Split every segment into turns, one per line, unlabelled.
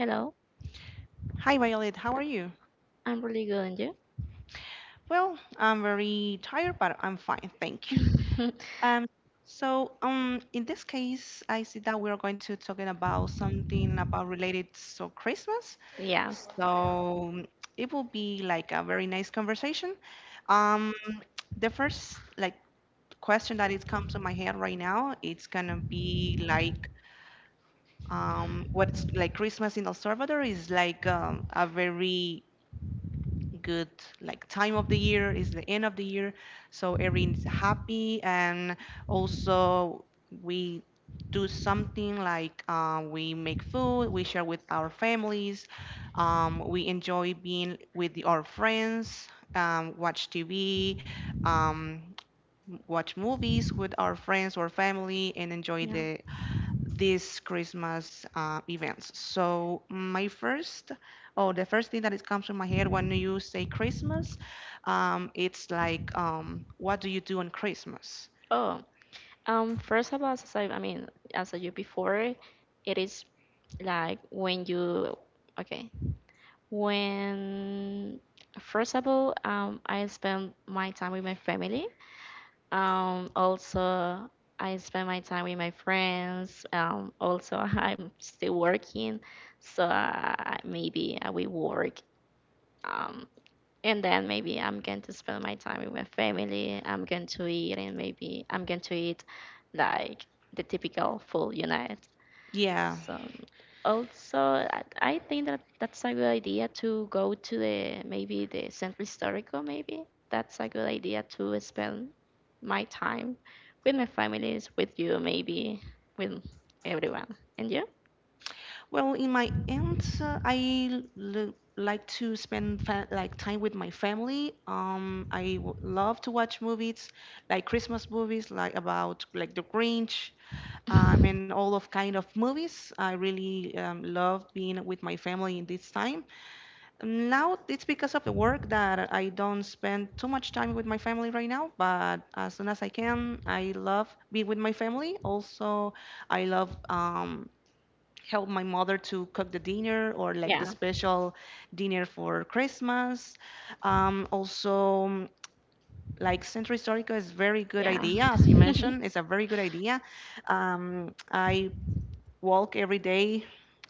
Hello,
Hi, Violet. How are you?
I'm really good, and you?
Well, I'm very tired, but I'm fine, thank you. Um, in this case, I see that we are going to talking about something about related to Christmas.
Yes,
So it will be like a very nice conversation. Um, the first like question that it comes to my head right now, it's gonna be like what's like Christmas in El Salvador is like a very good like time of the year is the end of the year, so everyone is happy, and also we do something like we make food, we share with our families, we enjoy being with our friends, watch TV, um, watch movies with our friends or family and enjoy
yeah.
these Christmas events. So my first, oh, the first thing that it comes to my head when you say Christmas, it's like, what do you do on Christmas?
Oh, first of all, I mean, as I you before, it is like okay, when first of all, I spend my time with my family. Also, I spend my time with my friends. Also, I'm still working, so maybe I will work. Um, and then maybe I'm going to spend my time with my family. I'm going to eat, and maybe I'm going to eat like the typical full unit.
Yeah.
So also, I think that that's a good idea to go to the maybe the Centro Histórico. Maybe that's a good idea to spend my time with my families, with you, maybe with everyone. And you?
Well, in my end, I like to spend fa like time with my family. I w love to watch movies, like Christmas movies, like about like The Grinch, and all of kind of movies. I really love being with my family in this time. Now it's because of the work that I don't spend too much time with my family right now, but as soon as I can, I love being with my family. Also, I love help my mother to cook the dinner or like the
Yeah,
special dinner for Christmas. Also, like Centro Histórico is very good
yeah.
idea, as you mentioned, it's a very good idea. I walk every day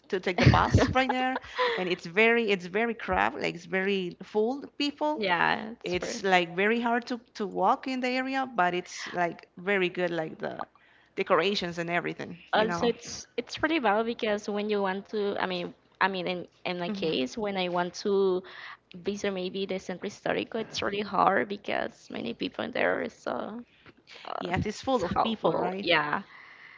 to take the bus right there, and it's very, it's very crowded, like it's very full people,
Yeah, it's true.
it's like very hard to walk in the area, but it's like very good like the decorations and everything,
Also, it's pretty bad because when you want to, I mean, in my
hmm,
case, when I want to visit maybe the Centro Histórico, it's really hard because many people there, so uh,
yes, it's
it's
full of people,
helpful.
right?
Yeah.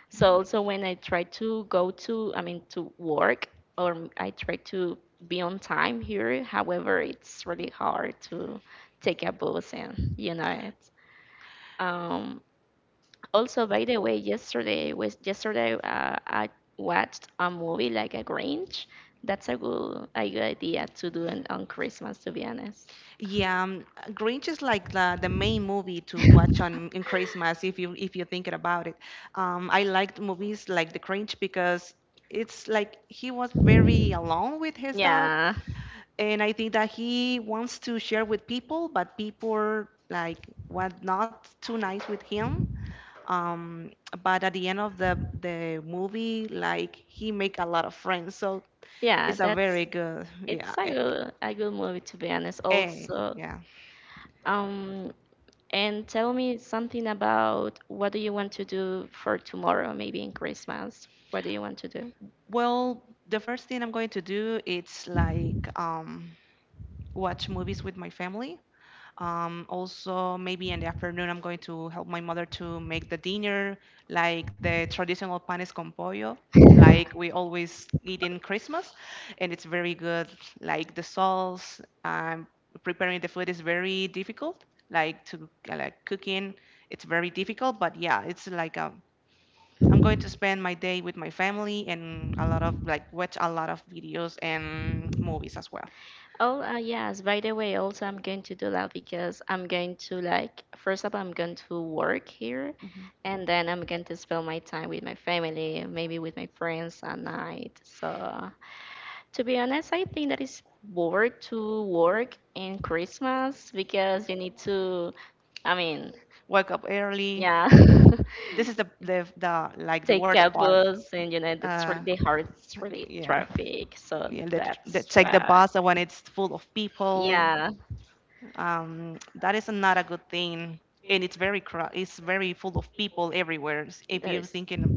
So also when I try to go to, I mean, to work or I try to be on time here, however, it's really hard to take a bus and you know it. Um, Also, by the way, yesterday I watched a movie like a Grinch. That's a good idea to do on Christmas, to be honest.
Yeah. Um, grinch is like the main movie to watch on in Christmas if you, if you're thinking about it. I liked movies like The Grinch because it's like he was very alone with his dog,
Yeah,
and I think that he wants to share with people, but people like was not too nice with him. Um, but at the end of the movie, like he make a lot of friends, so
yeah,
it's a
that's
very good, yeah,
it's a good a good movie to be honest.
eh,
Also,
yeah.
um, and tell me something about what do you want to do for tomorrow, maybe in Christmas. What do you want to do?
Well, the first thing I'm going to do it's like watch movies with my family. Also, maybe in the afternoon, I'm going to help my mother to make the dinner, like the traditional panes con pollo, like we always eat in Christmas, and it's very good. Like the sauce, preparing the food is very difficult. Like to like cooking, it's very difficult. But yeah, it's like I'm going to spend my day with my family and a lot of like watch a lot of videos and movies as well.
Oh, yes. By the way, also I'm going to do that because I'm going to like first up I'm going to work here
Mhm.
and then I'm going to spend my time with my family, maybe with my friends at night. So, to be honest, I think that is bored to work in Christmas because you need to, I mean,
Wake up early,
yeah.
this is the like the
Take
worst
a
part.
bus and you know that's
Uh,
really hard, it's really
yeah,
traffic. So
yeah. That
that's
take the
why.
bus when it's full of people.
Yeah.
That is not a good thing, and it's very it's very full of people everywhere. If
That
you're
is
thinking,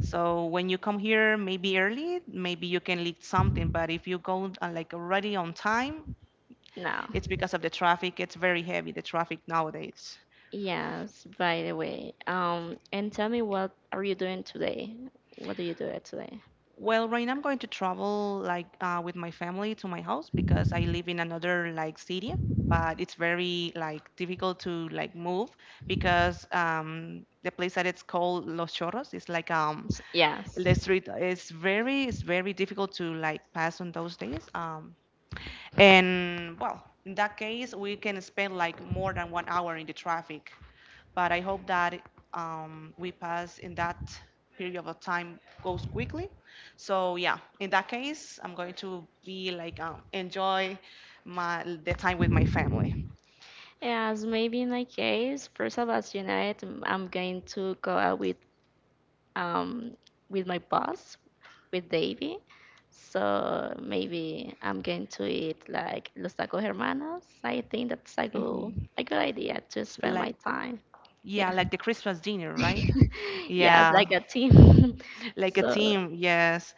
so when you come here, maybe early, maybe you can leave something. But if you go like already on time,
no.
it's because of the traffic. It's very heavy the traffic nowadays.
Yes, by the way. And tell me, what are you doing today? What do you do at today?
Well, right now I'm going to travel like with my family to my house because I live in another like city, but it's very like difficult to like move because the place that it's called Los Chorros is like
Yes.
the street is very, it's very difficult to like pass on those days. And well, in that case, we can spend like more than 1 hour in the traffic, but I hope that we pass in that period of time goes quickly. So yeah, in that case, I'm going to be like enjoy my the time with my family.
Yes, maybe in my case, first of all, as you know, I'm going to go out um with my boss, with Davy. So maybe I'm going to eat like Los Tacos Hermanos. I think that's a good
Hmm.
a good idea to spend
Like,
my time.
yeah,
Yeah.
like the Christmas dinner, right?
Yeah, it's
Yeah,
like a team.
like a
So
team. Yes.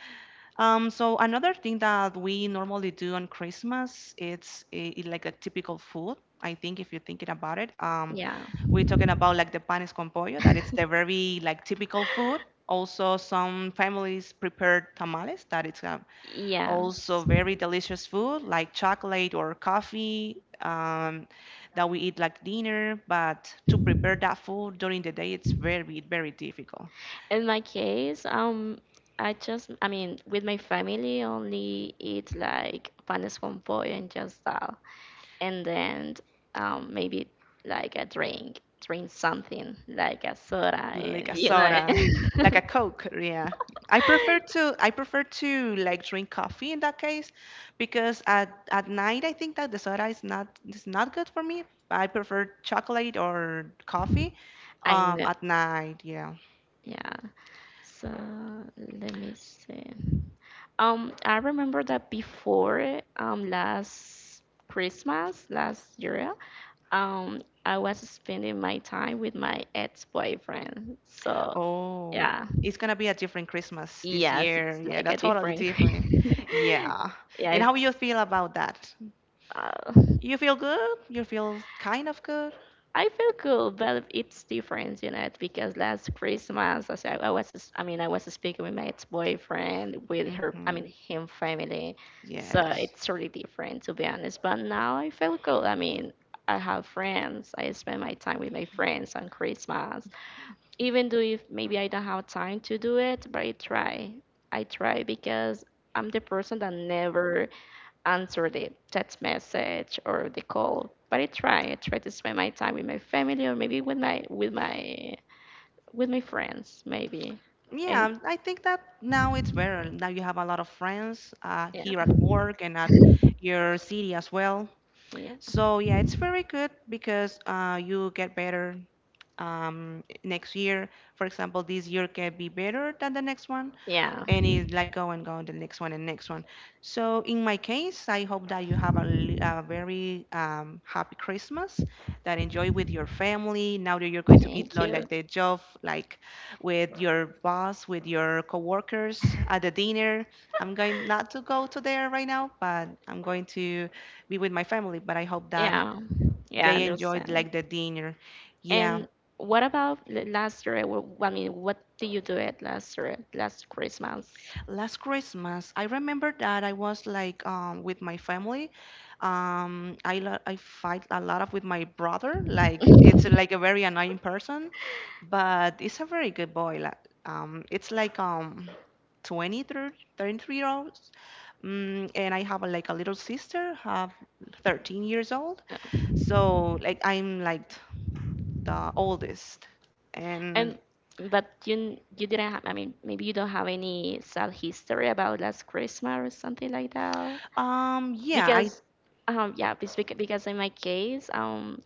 So another thing that we normally do on Christmas, it's a, it like a typical food. I think if you're thinking about it,
yeah.
we're talking about like the panes con pollo, that it's the very like typical food. Also, some families prepare tamales, that it's also
Yes.
very delicious food, like chocolate or coffee that we eat like dinner. But to prepare that food during the day, it's very, very difficult.
In my case, I just, I mean, with my family, only eat like panes con pollo and just that, and then maybe like a drink something like a soda,
Like
and
a soda, like a Coke, yeah. I prefer to like drink coffee in that case because at night I think that the soda is not, is not good for me. I prefer chocolate or coffee
I know,
at night, yeah.
yeah. So let me see. I remember that before, last Christmas last year, I was spending my time with my ex-boyfriend. So,
Oh,
yeah.
it's gonna be a different Christmas this
Yes,
year.
it's
Yeah,
like a
that's totally
different.
different. Yeah.
Yeah,
And how
it's.
you feel about that?
Uh,
You feel good? You feel kind of good?
I feel cool, but it's different, because last Christmas, as I was, I mean, I was speaking with my ex-boyfriend, with her, I
Mm-hmm.
mean, him family, so
Yes.
it's really different, to be honest. But now I feel cool. I mean, I have friends. I spend my time with my friends on Christmas, even though if maybe I don't have time to do it, but I try. I try because I'm the person that never answer the text message or the call. But I try. I try to spend my time with my family or maybe with my friends maybe. And
Yeah, I think that now it's better. Now you have a lot of friends
yeah,
here at work and at your city as well.
yeah,
So yeah, it's very good because you get better next year. For example, this year can be better than the next one,
yeah.
and it's like go and go the next one and next one. So in my case, I hope that you have a, a very happy Christmas, that enjoy with your family. Now that you're going to get
Thank you.
like the job, like with your boss, with your coworkers at the dinner. I'm going not to go to there right now, but I'm going to be with my family. But I hope that
Yeah, yeah, I
they enjoyed
understand.
like the dinner. Yeah.
And what about the last year? I mean, what did you do it last year, last Christmas?
Last Christmas, I remember that I was like with my family. I I fight a lot of with my brother. Like it's like a very annoying person, but it's a very good boy. Like, it's like 20, 30, 33 year olds. Mm, and I have a, like a little sister, have 13 years old.
Yeah.
So like I'm like the oldest.
And
And
but you didn't have. I mean, maybe you don't have any sad history about last Christmas or something like that.
yeah,
Because, yeah, it's because in my case,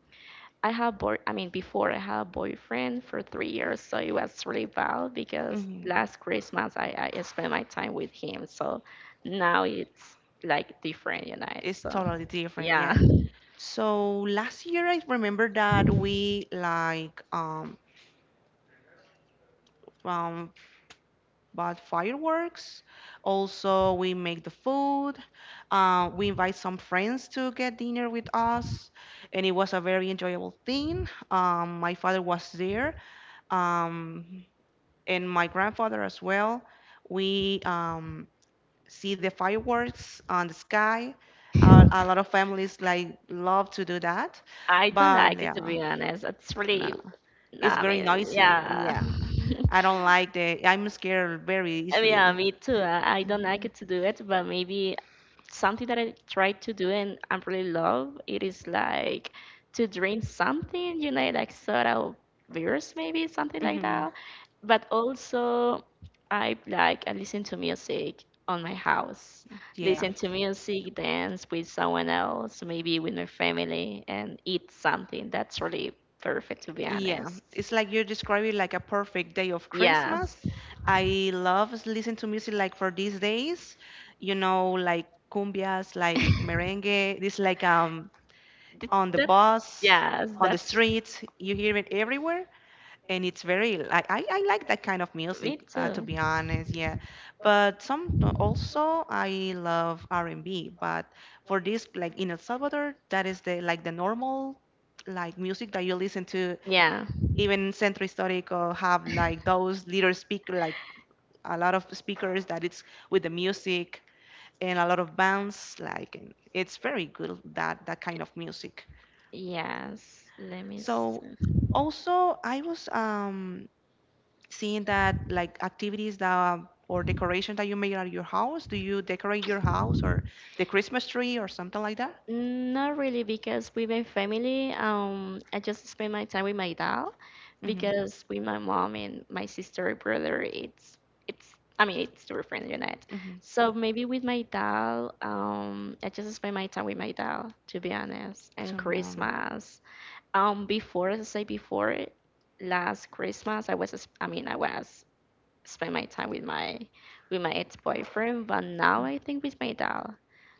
I have boy I mean before I had a boyfriend for 3 years, so it was really bad because
mm,
last Christmas I spent my time with him. So now it's like different, you know.
it's
So
totally different.
yeah.
Yeah. So last year, I remember that we like um bought fireworks. Also, we make the food. We invite some friends to get dinner with us, and it was a very enjoyable thing. My father was there, um, and my grandfather as well. We see the fireworks on the sky. A lot of families like love to do that,
I don't
but
like it to
yeah.
be honest. It's
No.
really no,
It's
I
very
mean
noisy.
yeah.
Yeah. I don't like the. I'm scared very easily.
Yeah, me too. I don't like
Mhm.
it to do it, but maybe something that I try to do and I really love it is like to drink something, like soda or beers, maybe something like
Mhm.
that. But also, I listen to music on my house,
Yeah.
listen to music, dance with someone else, maybe with my family, and eat something. That's really perfect, to be
Yeah.
honest.
It's like you describe it like a perfect day of
Yeah.
Christmas. I love listen to music like for these days, you know, like cumbias, like merengue. This like
Th-
on the
that's
bus,
Yes,
on the
that's
streets. You hear it everywhere. And it's very like I like that kind of
me
music to
too.
be honest, yeah. But some also I love R&B, but for this like in El Salvador, that is the like the normal like music that you listen to.
Yeah.
Even Centro historico have like those little speaker, like a lot of speakers that it's with the music and a lot of bands like, and it's very good that that kind of music.
Yes. Let me
So
see.
also I was seeing that like activities that or decoration that you made at your house? Do you decorate your house or the Christmas tree or something like that?
Not really because with my family, I just spend my time with my dad,
Mm-hmm.
because with my mom and my sister and brother, it's I mean it's super friendly night.
Mm-hmm.
So maybe with my dad, I just spend my time with my dad to be honest. And
So yeah.
Christmas, before as I say before, last Christmas I mean I was spend my time with my ex boyfriend, but now I think with my dad.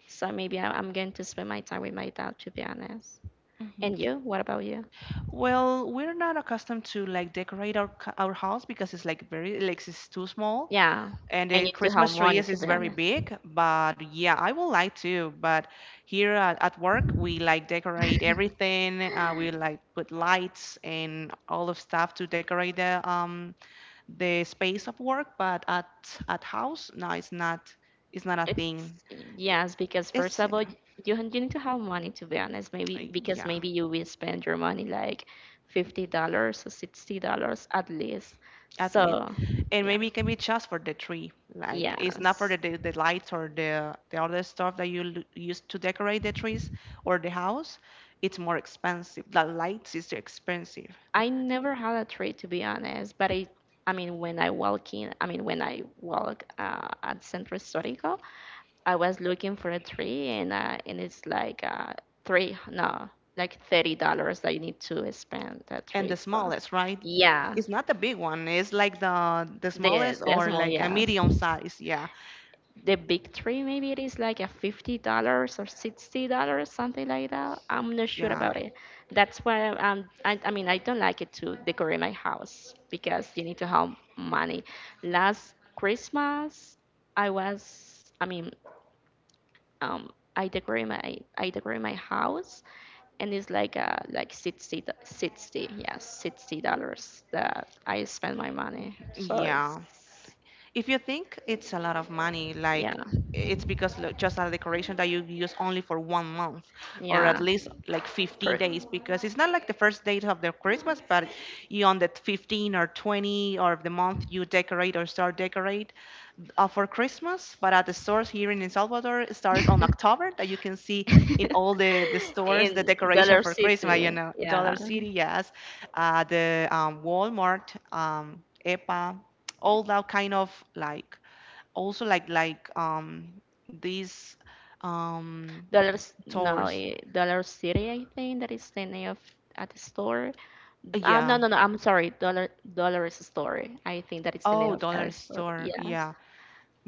So maybe I'm going to spend my time with my dad to be honest.
Mm-hmm.
And you? What about you?
Well, we're not accustomed to like decorate our our house because it's like very like it's too small.
Yeah,
And
I
the
need to have
Christmas tree
money to
is
be
very
honest.
big, but yeah, I would like to. But here at work, we like decorate everything. We like put lights and all of stuff to decorate the space of work. But at house, no, it's not a thing.
It's yes, because first
It's
of all, you need to have money to be honest. Maybe because
yeah,
maybe you will spend your money like $50 or $60 at least.
at least.
So
And
yeah,
maybe it can be just for the tree. Like it's not for
yes.
the lights or the other stuff that you use to decorate the trees or the house. It's more expensive. The lights is expensive
I never had a trade to be honest, but I mean when I walk in, I mean when I walk at Centro Histórico, I was looking for a tree and it's like three no like $30 I need to spend that
and
tree.
the
So
smallest, right?
yeah,
It's not the big one. It's like the
the
smallest
the
or
small
like a
yes,
medium size. Yeah,
the big tree maybe it is like a $50 or $60 something like that. I'm not sure
yeah,
about it. That's why I mean I don't like it to decorate my house because you need to have money. Last Christmas I mean um, I decorate my house, and it's like 60, 60 yeah $60 that I spend my money. So it's
yeah. If you think it's a lot of money,
yeah
like it's because just a decoration that you use only for 1 month, or at
yeah
least like 15
for
days, because it's not like the first date of the Christmas, but you on the 15 or 20 or of the month you decorate or start decorate for Christmas. But at the stores here in El Salvador, it starts on October that you can see in all the stores the
in
decoration
Dollar
for Christmas,
City
you know,
yeah
Dollar City, yes, the Walmart, EPA, all that kind of like also like these um
Dollars, no,
tours.
Dollar City, I think that is the name of at the store.
Yeah,
No, no, no, I'm sorry, Dollar Store. I think that is the name
oh,
of
dollar
that store.
store,
Yes.
yeah.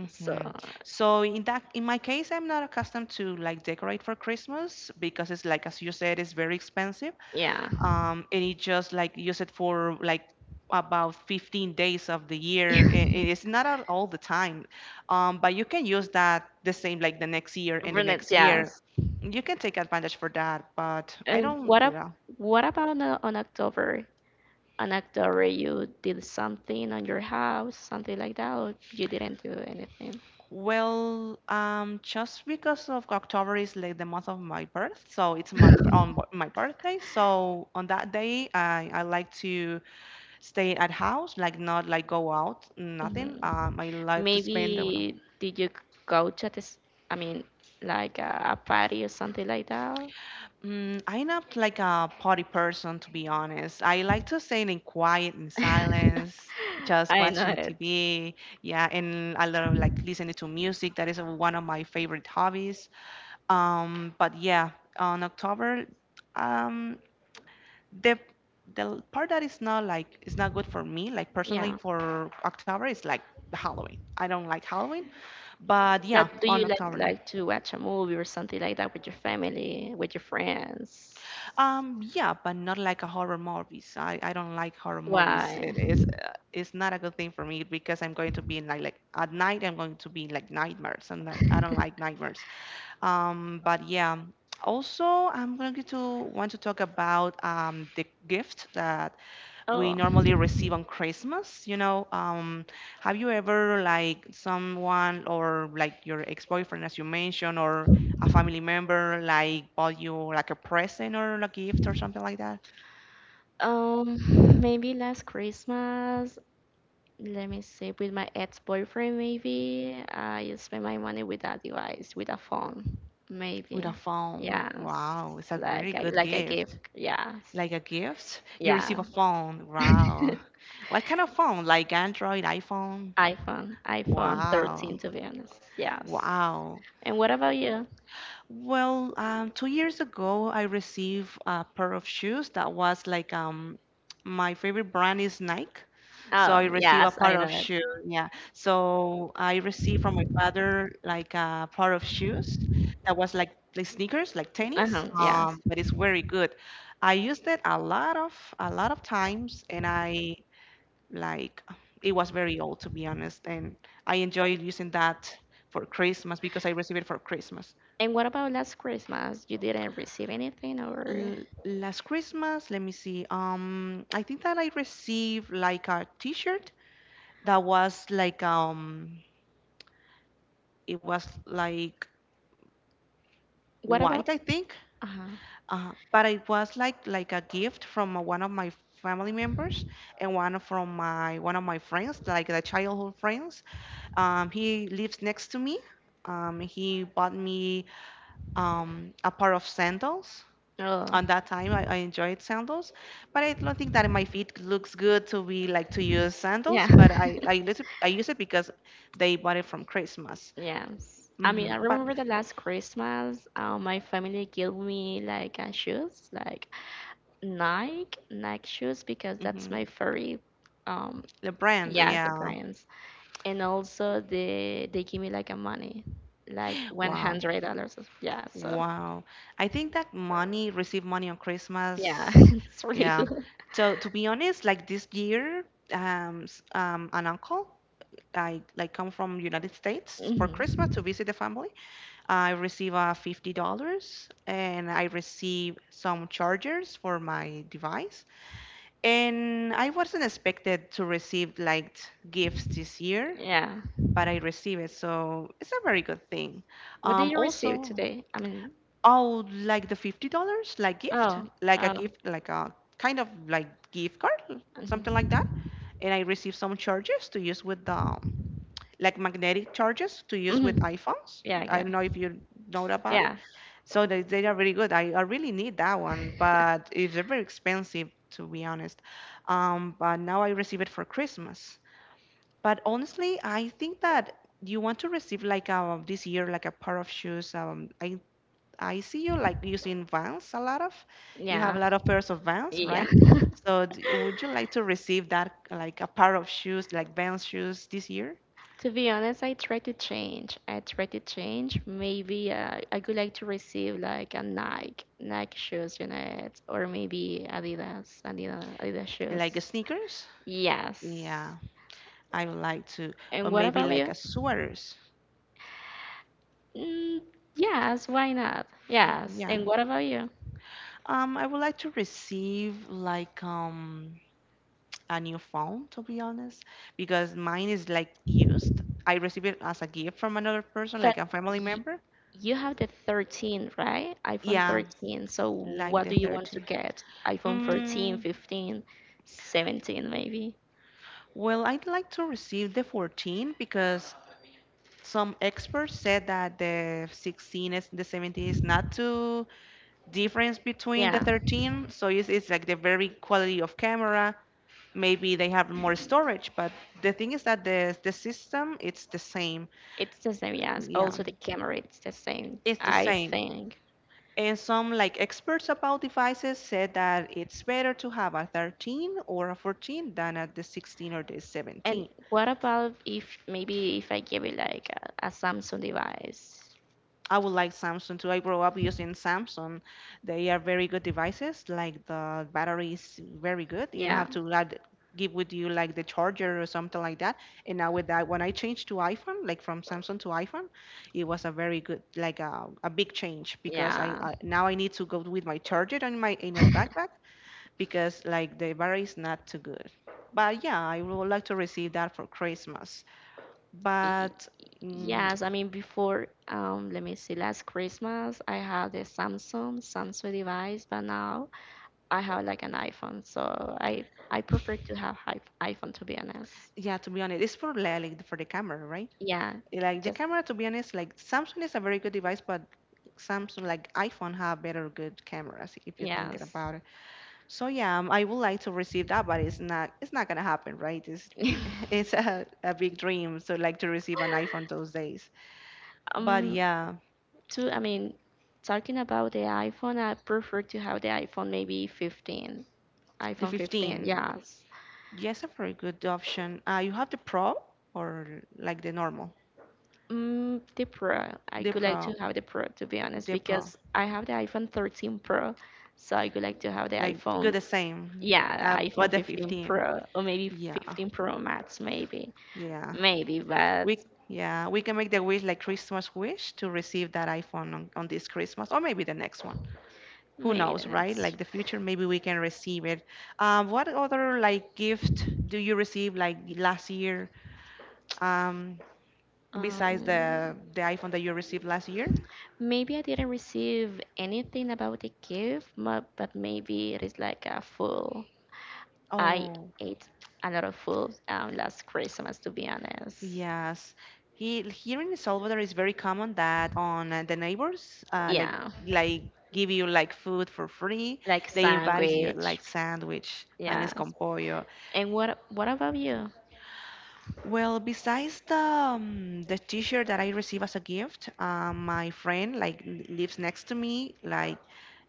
So,
Hmm. So in that in my case, I'm not accustomed to like decorate for Christmas because it's like, as you said, it's very expensive,
yeah.
and it just like use it for like about 15 days of the year. It's not all the time, but you can use that the same like the next year and the
Brunette,
next year.
yes.
You can take advantage for that, but I
And
don't. Yeah.
what about on October? On October, you did something on your house, something like that, or you didn't do anything?
Well, just because of October is like the month of my birth, so it's my on my birthday. So on that day, I like to stay at house, like not like go out, nothing.
Mhm.
I like to
Maybe
spend. I don't know.
did you go to this, I mean, like a party or something like that?
Mm, I'm not like a party person, to be honest. I like to stay in quiet and silence, just
I know
watching
it.
TV. Yeah, and I love like listening to music. That is one of my favorite hobbies. But yeah, on October, um, the part that is not like it's not good for me, like personally
Yeah.
for October, is like the Halloween. I don't like Halloween, but yeah,
But do you
on
like
October.
like to watch a movie or something like that with your family, with your friends?
Yeah, but not like a horror movies. I don't like horror movies.
Why?
It is it's not a good thing for me because I'm going to be in like at night I'm going to be in like nightmares and like, I don't like nightmares. But yeah. Also, I'm going to want to talk about the gift that we
Oh.
normally receive on Christmas. You know, have you ever like someone or like your ex-boyfriend, as you mentioned, or a family member like bought you like a present or a gift or something like that
Um, Maybe last Christmas, let me see, with my ex-boyfriend, maybe I spend my money with a device, with a phone,
with a
maybe.
phone?
Yes,
Wow, it's a very
like I
good
like a
gift.
gift. Yes,
Like a gift, you
yeah.
receive a phone. Wow. What kind of phone? Like Android, iPhone?
iPhone
Wow.
13 to be honest. Yes.
Wow.
And what about you?
Well, 2 years ago, I received a pair of shoes that was like my favorite brand is Nike. So
Oh,
I received a
yes, I
pair
know
of
it.
shoes. Yeah. So I received from my father like a pair of shoes that was like the sneakers, like tennis.
Uh-huh, yes.
But it's very good. I used it a lot of times, and I like it was very old to be honest, and I enjoyed using that for Christmas because I received it for Christmas.
And what about last Christmas? You didn't receive anything, or
Last Christmas, let me see. I think that I received like a t-shirt that was like it was like
what
white,
about?
I think.
Uh huh.
But it was like a gift from one of my family members and from my one of my friends, like the childhood friends. He lives next to me. He bought me a pair of sandals.
Oh.
On that time I enjoyed sandals, but I don't think that my feet looks good to be like to use sandals,
Yeah.
but I use it, I use it because they bought it from Christmas.
Yes. I
Hmm.
mean, I
But
remember the last Christmas, my family gave me like a shoes, like Nike shoes, because that's
hmm,
my favorite. Um,
the brand,
yes, the
yeah.
brands, and also they give me like a money, like one
Wow,
hundred dollars. Yeah, so.
wow. I think that money, receive money on
Yeah,
Christmas.
it's really
Yeah.
cool.
So to be honest, like this year an uncle I like come from United States for
Mhm.
Christmas to visit the family, I receive $50 and I receive some chargers for my device. And I wasn't expected to receive like gifts this year,
Yeah.
but I receive it, so it's a very good thing.
What did you receive
Also,
today? I mean,
oh, like the $50 like
oh, oh.
gift, like a kind of like gift card, something like
Mm-hmm.
that. And I receive some chargers to use with the like magnetic chargers to use with
hmm
iPhones.
Yeah, I
I
got
don't
it.
know if you know about.
Yeah,
So they are very good. I really need that one, but if they're very expensive, to be honest. But now I receive it for Christmas. But honestly, I think that you want to receive like this year like a pair of shoes. I see you like using Vans a lot of. You have
yeah,
a lot of pairs of Vans,
yeah.
right? So would you like to receive that like a pair of shoes like Vans shoes this year,
To be honest, I try to change. I try to change. Maybe I could like to receive like a Nike shoes, or maybe Adidas
like
shoes.
sneakers?
Yes.
Yeah, I would like to, or
And what
maybe
about
like
you?
a sweaters.
Mm, yes, why not? Yes.
Yeah.
And what about you?
I would like to receive like a new phone, to be honest, because mine is like used. I received it as a gift from another person,
But
like a family
y
member.
you have the 13, right? iPhone
Yeah,
13. So
like
what
the
do you want to
30.
get? iPhone 14,
Mm,
15, 17 maybe?
well, I'd like to receive the 14 because some experts said that the 16 is the 17 is not too difference between the
Yeah.
13. So it's like the very quality of camera, maybe they have more storage, but the thing is that the system it's the same.
It's the same, yes.
Yeah,
Also the camera, it's the same,
it's the
I
same.
think.
And some like experts about devices said that it's better to have a 13 or a 14 than a the 16 or the
And
17.
what about if maybe if I give you like a Samsung device?
I would like Samsung too. I grew up using Samsung. They are very good devices. Like the battery is very good. You don't
Yeah,
have to add, give with you like the charger or something like that. And now with that, when I changed to iPhone, like from Samsung to iPhone, it was a very good, like a big change because
yeah.
I now I need to go with my charger in my backpack because like the battery is not too good. But yeah, I would like to receive that for Christmas.
Y-
But mm,
Yes, I mean before, let me see, last Christmas I had the Samsung device, but now I have like an iPhone, so I I prefer to have iPhone to be honest.
yeah, to be honest, it's for like for the camera, right?
Yeah,
Like the
just
camera, to be honest, like Samsung is a very good device, but Samsung, like iPhone, have better good cameras if you're thinking
yes.
about it. So yeah, I would like to receive that, but it's not gonna happen, right? It's it's a big dream, so like to receive an iPhone those days. But
Um,
yeah,
to I mean, talking about the iPhone, I prefer to have the iPhone maybe 15
the
iPhone 15,
15,
yes.
yes, a very good option. You have the Pro or like the normal?
The Pro. I
The
would like to
Pro,
have the Pro to be honest
the Pro,
because I have the iPhone 13 Pro, so I would like to have the
like
iPhone,
good the same.
yeah, iPhone
But the
15
15,
Pro or maybe
yeah,
15 Pro Max, maybe,
yeah.
maybe. But
We yeah, we can make the wish like Christmas wish to receive that iPhone on this Christmas or maybe the next one. Who
maybe the
knows, right?
next.
Like the future, maybe we can receive it. What other like gift do you receive like last year? Um, besides
Um,
the iPhone that you received last year?
Maybe I didn't receive anything about the gift, but, maybe it is like a full I
Oh,
ate a lot of food last Christmas, to be honest.
yes. Here in El Salvador, it's very common that on the neighbors, like
Yeah,
like give you like food for free.
like
They invite you like
sandwich.
sandwich, panes con
Yes.
pollo.
And what about you?
Well, besides the t-shirt that I receive as a gift, my friend like lives next to me. Like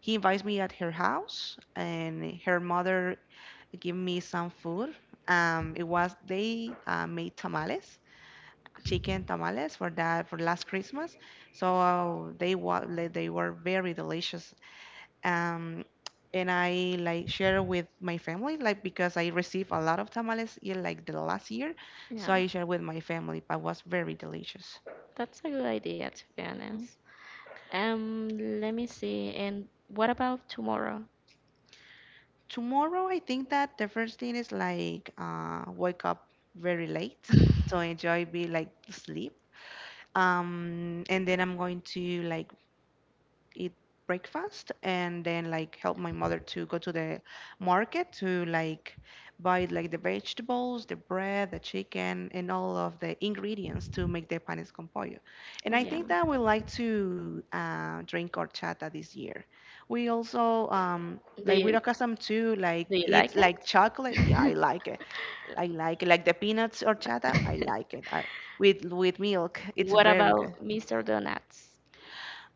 he invites me at her house, and her mother give me some food. It was they made tamales, chicken tamales for that for last Christmas. So they wa they were very delicious, um, and I like share with my family, like because I received a lot of tamales in like the last year, so
Yeah,
I share with my family. But was very delicious.
that's a good idea, to be
Mhm.
honest. Um, Let me see. And what about tomorrow?
Tomorrow, I think that the first thing is like wake up very late to enjoy be like sleep. And then I'm going to like eat breakfast and then like help my mother to go to the market to like buy like the vegetables, the bread, the chicken, and all of the ingredients to make the panes con pollo. And I
Yeah.
think that we like to drink horchata this year. We also
Do
like we're
you
accustomed to like
do you
eat
like
like
it?
chocolate. Yeah, I like it. I like it. Like the peanuts horchata, I like it. I, with milk, it's
What
very good.
about Mr. Donuts?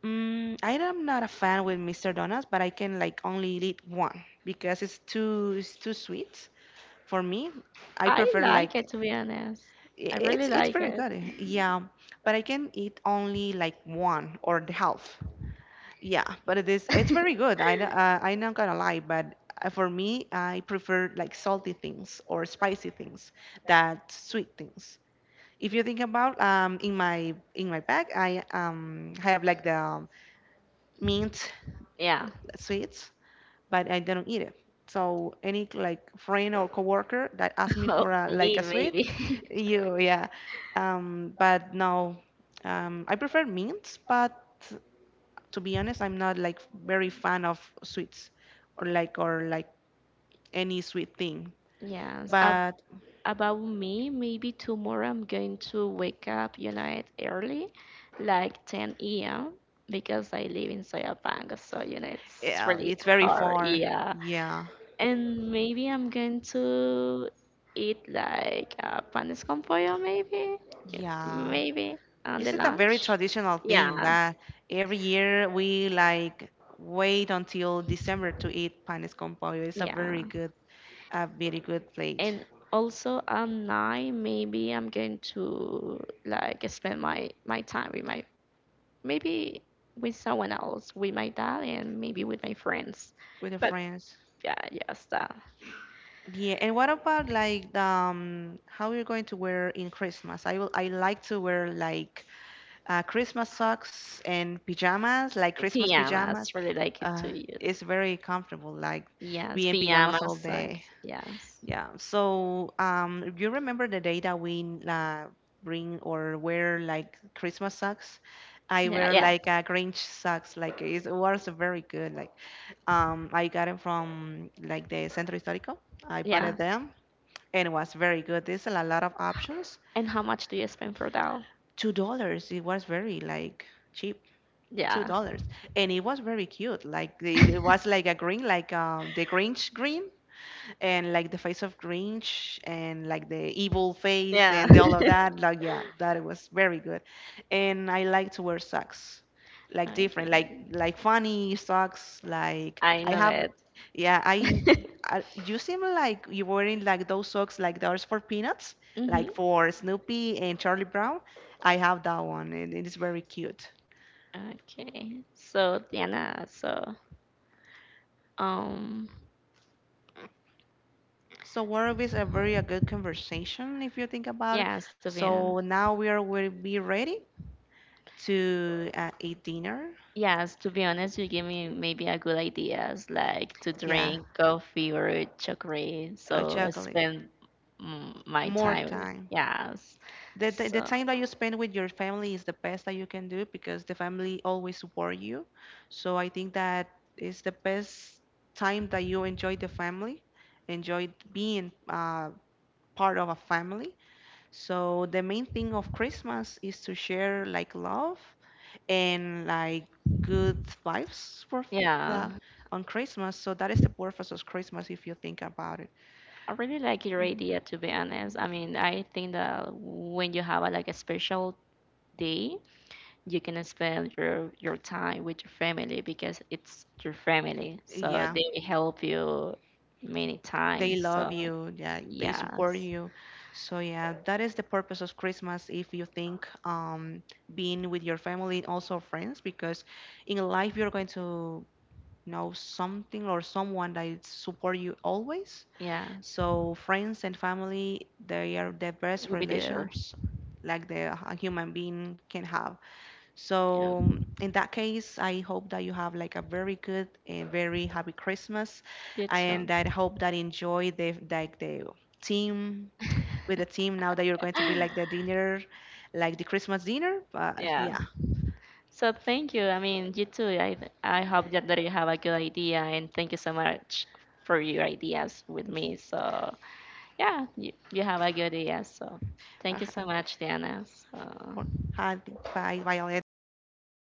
Mm, I am not a fan with Mr. Donuts, but I can like only eat one because it's too sweet for me. I
I
prefer
like it,
like
to be honest. I really
it's
like
pretty
it.
good. Yeah, but I can eat only like one or the half. Yeah, but it is it's very good. I'm not gonna lie, but for me, I prefer like salty things or spicy things than sweet things. If you think about in my bag, I have like the mint
Yeah.
sweets but I didn't eat it. So any like friend or coworker that asked me
Oh,
for a, like
me,
a sweet,
maybe.
you yeah. But no, I prefer mints, but to be honest, I'm not like very fan of sweets or like any sweet thing.
Yes, ab
But
about me, maybe tomorrow I'm going to wake up, it early, like 10 a.m. because I live in Soyapango, so you know it's
yeah,
really
it's very
hard.
far.
Yeah,
Yeah,
and maybe I'm going to eat like panes con pollo, maybe,
yeah.
maybe on the
This is a very
lunch.
traditional thing
Yeah,
that every year we like wait until December to eat panes con pollo. It's
yeah.
a very good plate
And also at night maybe I'm going to like spend my time with my maybe with someone else, with my dad and maybe with my friends.
with your
But
friends.
yeah, yes, that
Yeah, and what about like the, how you're going to wear in Christmas? I will, I like to wear like Christmas socks and pajamas, like Christmas pajamas.
pajamas really like it
Uh,
to use.
it's very comfortable, like
Yes,
be in pajamas
pajamas,
all day.
socks, yes.
Yeah. So, you remember the day that we bring or wear like Christmas socks? I
Yeah,
wear
yeah,
like a Grinch socks. Like it was very good. Like I got it from like the Centro Histórico. I bought
yeah.
it them and it was very good. There's a lot of options.
And how much do you spend for that?
$2. It was very like cheap. Two
Yeah.
dollars, and it was very cute. Like it was like a green, like the Grinch green, and like the face of Grinch and like the evil face
Yeah.
and the- all of that. Like yeah, that was very good. And I like to wear socks, like
I
different, like
can
funny socks. Like
I
I
know
have, yeah,
it.
I you seem like you're wearing like those socks like those for Peanuts, like
hmm
for Snoopy and Charlie Brown. I have that one and it is very cute.
Okay. So Diana, so um
So word is a very a good conversation if you think about it.
yes, to be on
So now we are will be ready to eat dinner.
yes, to be honest, you gave me maybe a good ideas like to
Yeah,
drink coffee or chocolate. So I
chocolate.
spend my
More
time.
time.
Yes.
The
So
time that you spend with your family is the best that you can do because the family always support you. So I think that is the best time that you enjoy the family, enjoy being part of a family. So the main thing of Christmas is to share like love and like good vibes for
yeah,
that on Christmas. So that is the purpose of Christmas if you think about it.
I really like your
Mhm.
idea to be honest. I mean, I think that when you have like a special day, you can spend your time with your family because it's your family. So
Yeah,
they will help you many
they
times.
love
So
you. Yeah, they support
yes,
you. So yeah, that is the purpose of Christmas if you think being with your family and also friends, because in life you're going to know something or someone that support you always.
yes,
So friends and family, they are the best
we'll be there.
relationships like the a human being can have.
Yeah,
So in that case, I hope that you have like a very good and very happy Christmas,
you
and
too.
I hope that enjoy the like the team with the team now that you're going to be like the dinner, like the Christmas dinner. But
Yeah.
yeah,
So thank you. I mean, you too. I hope that you have a good idea, and thank you so much for your ideas with me. So yeah, you have a good idea. So thank you
okay.
so much, Diana. So.
Hi, bye, Violet. It was a pleasure.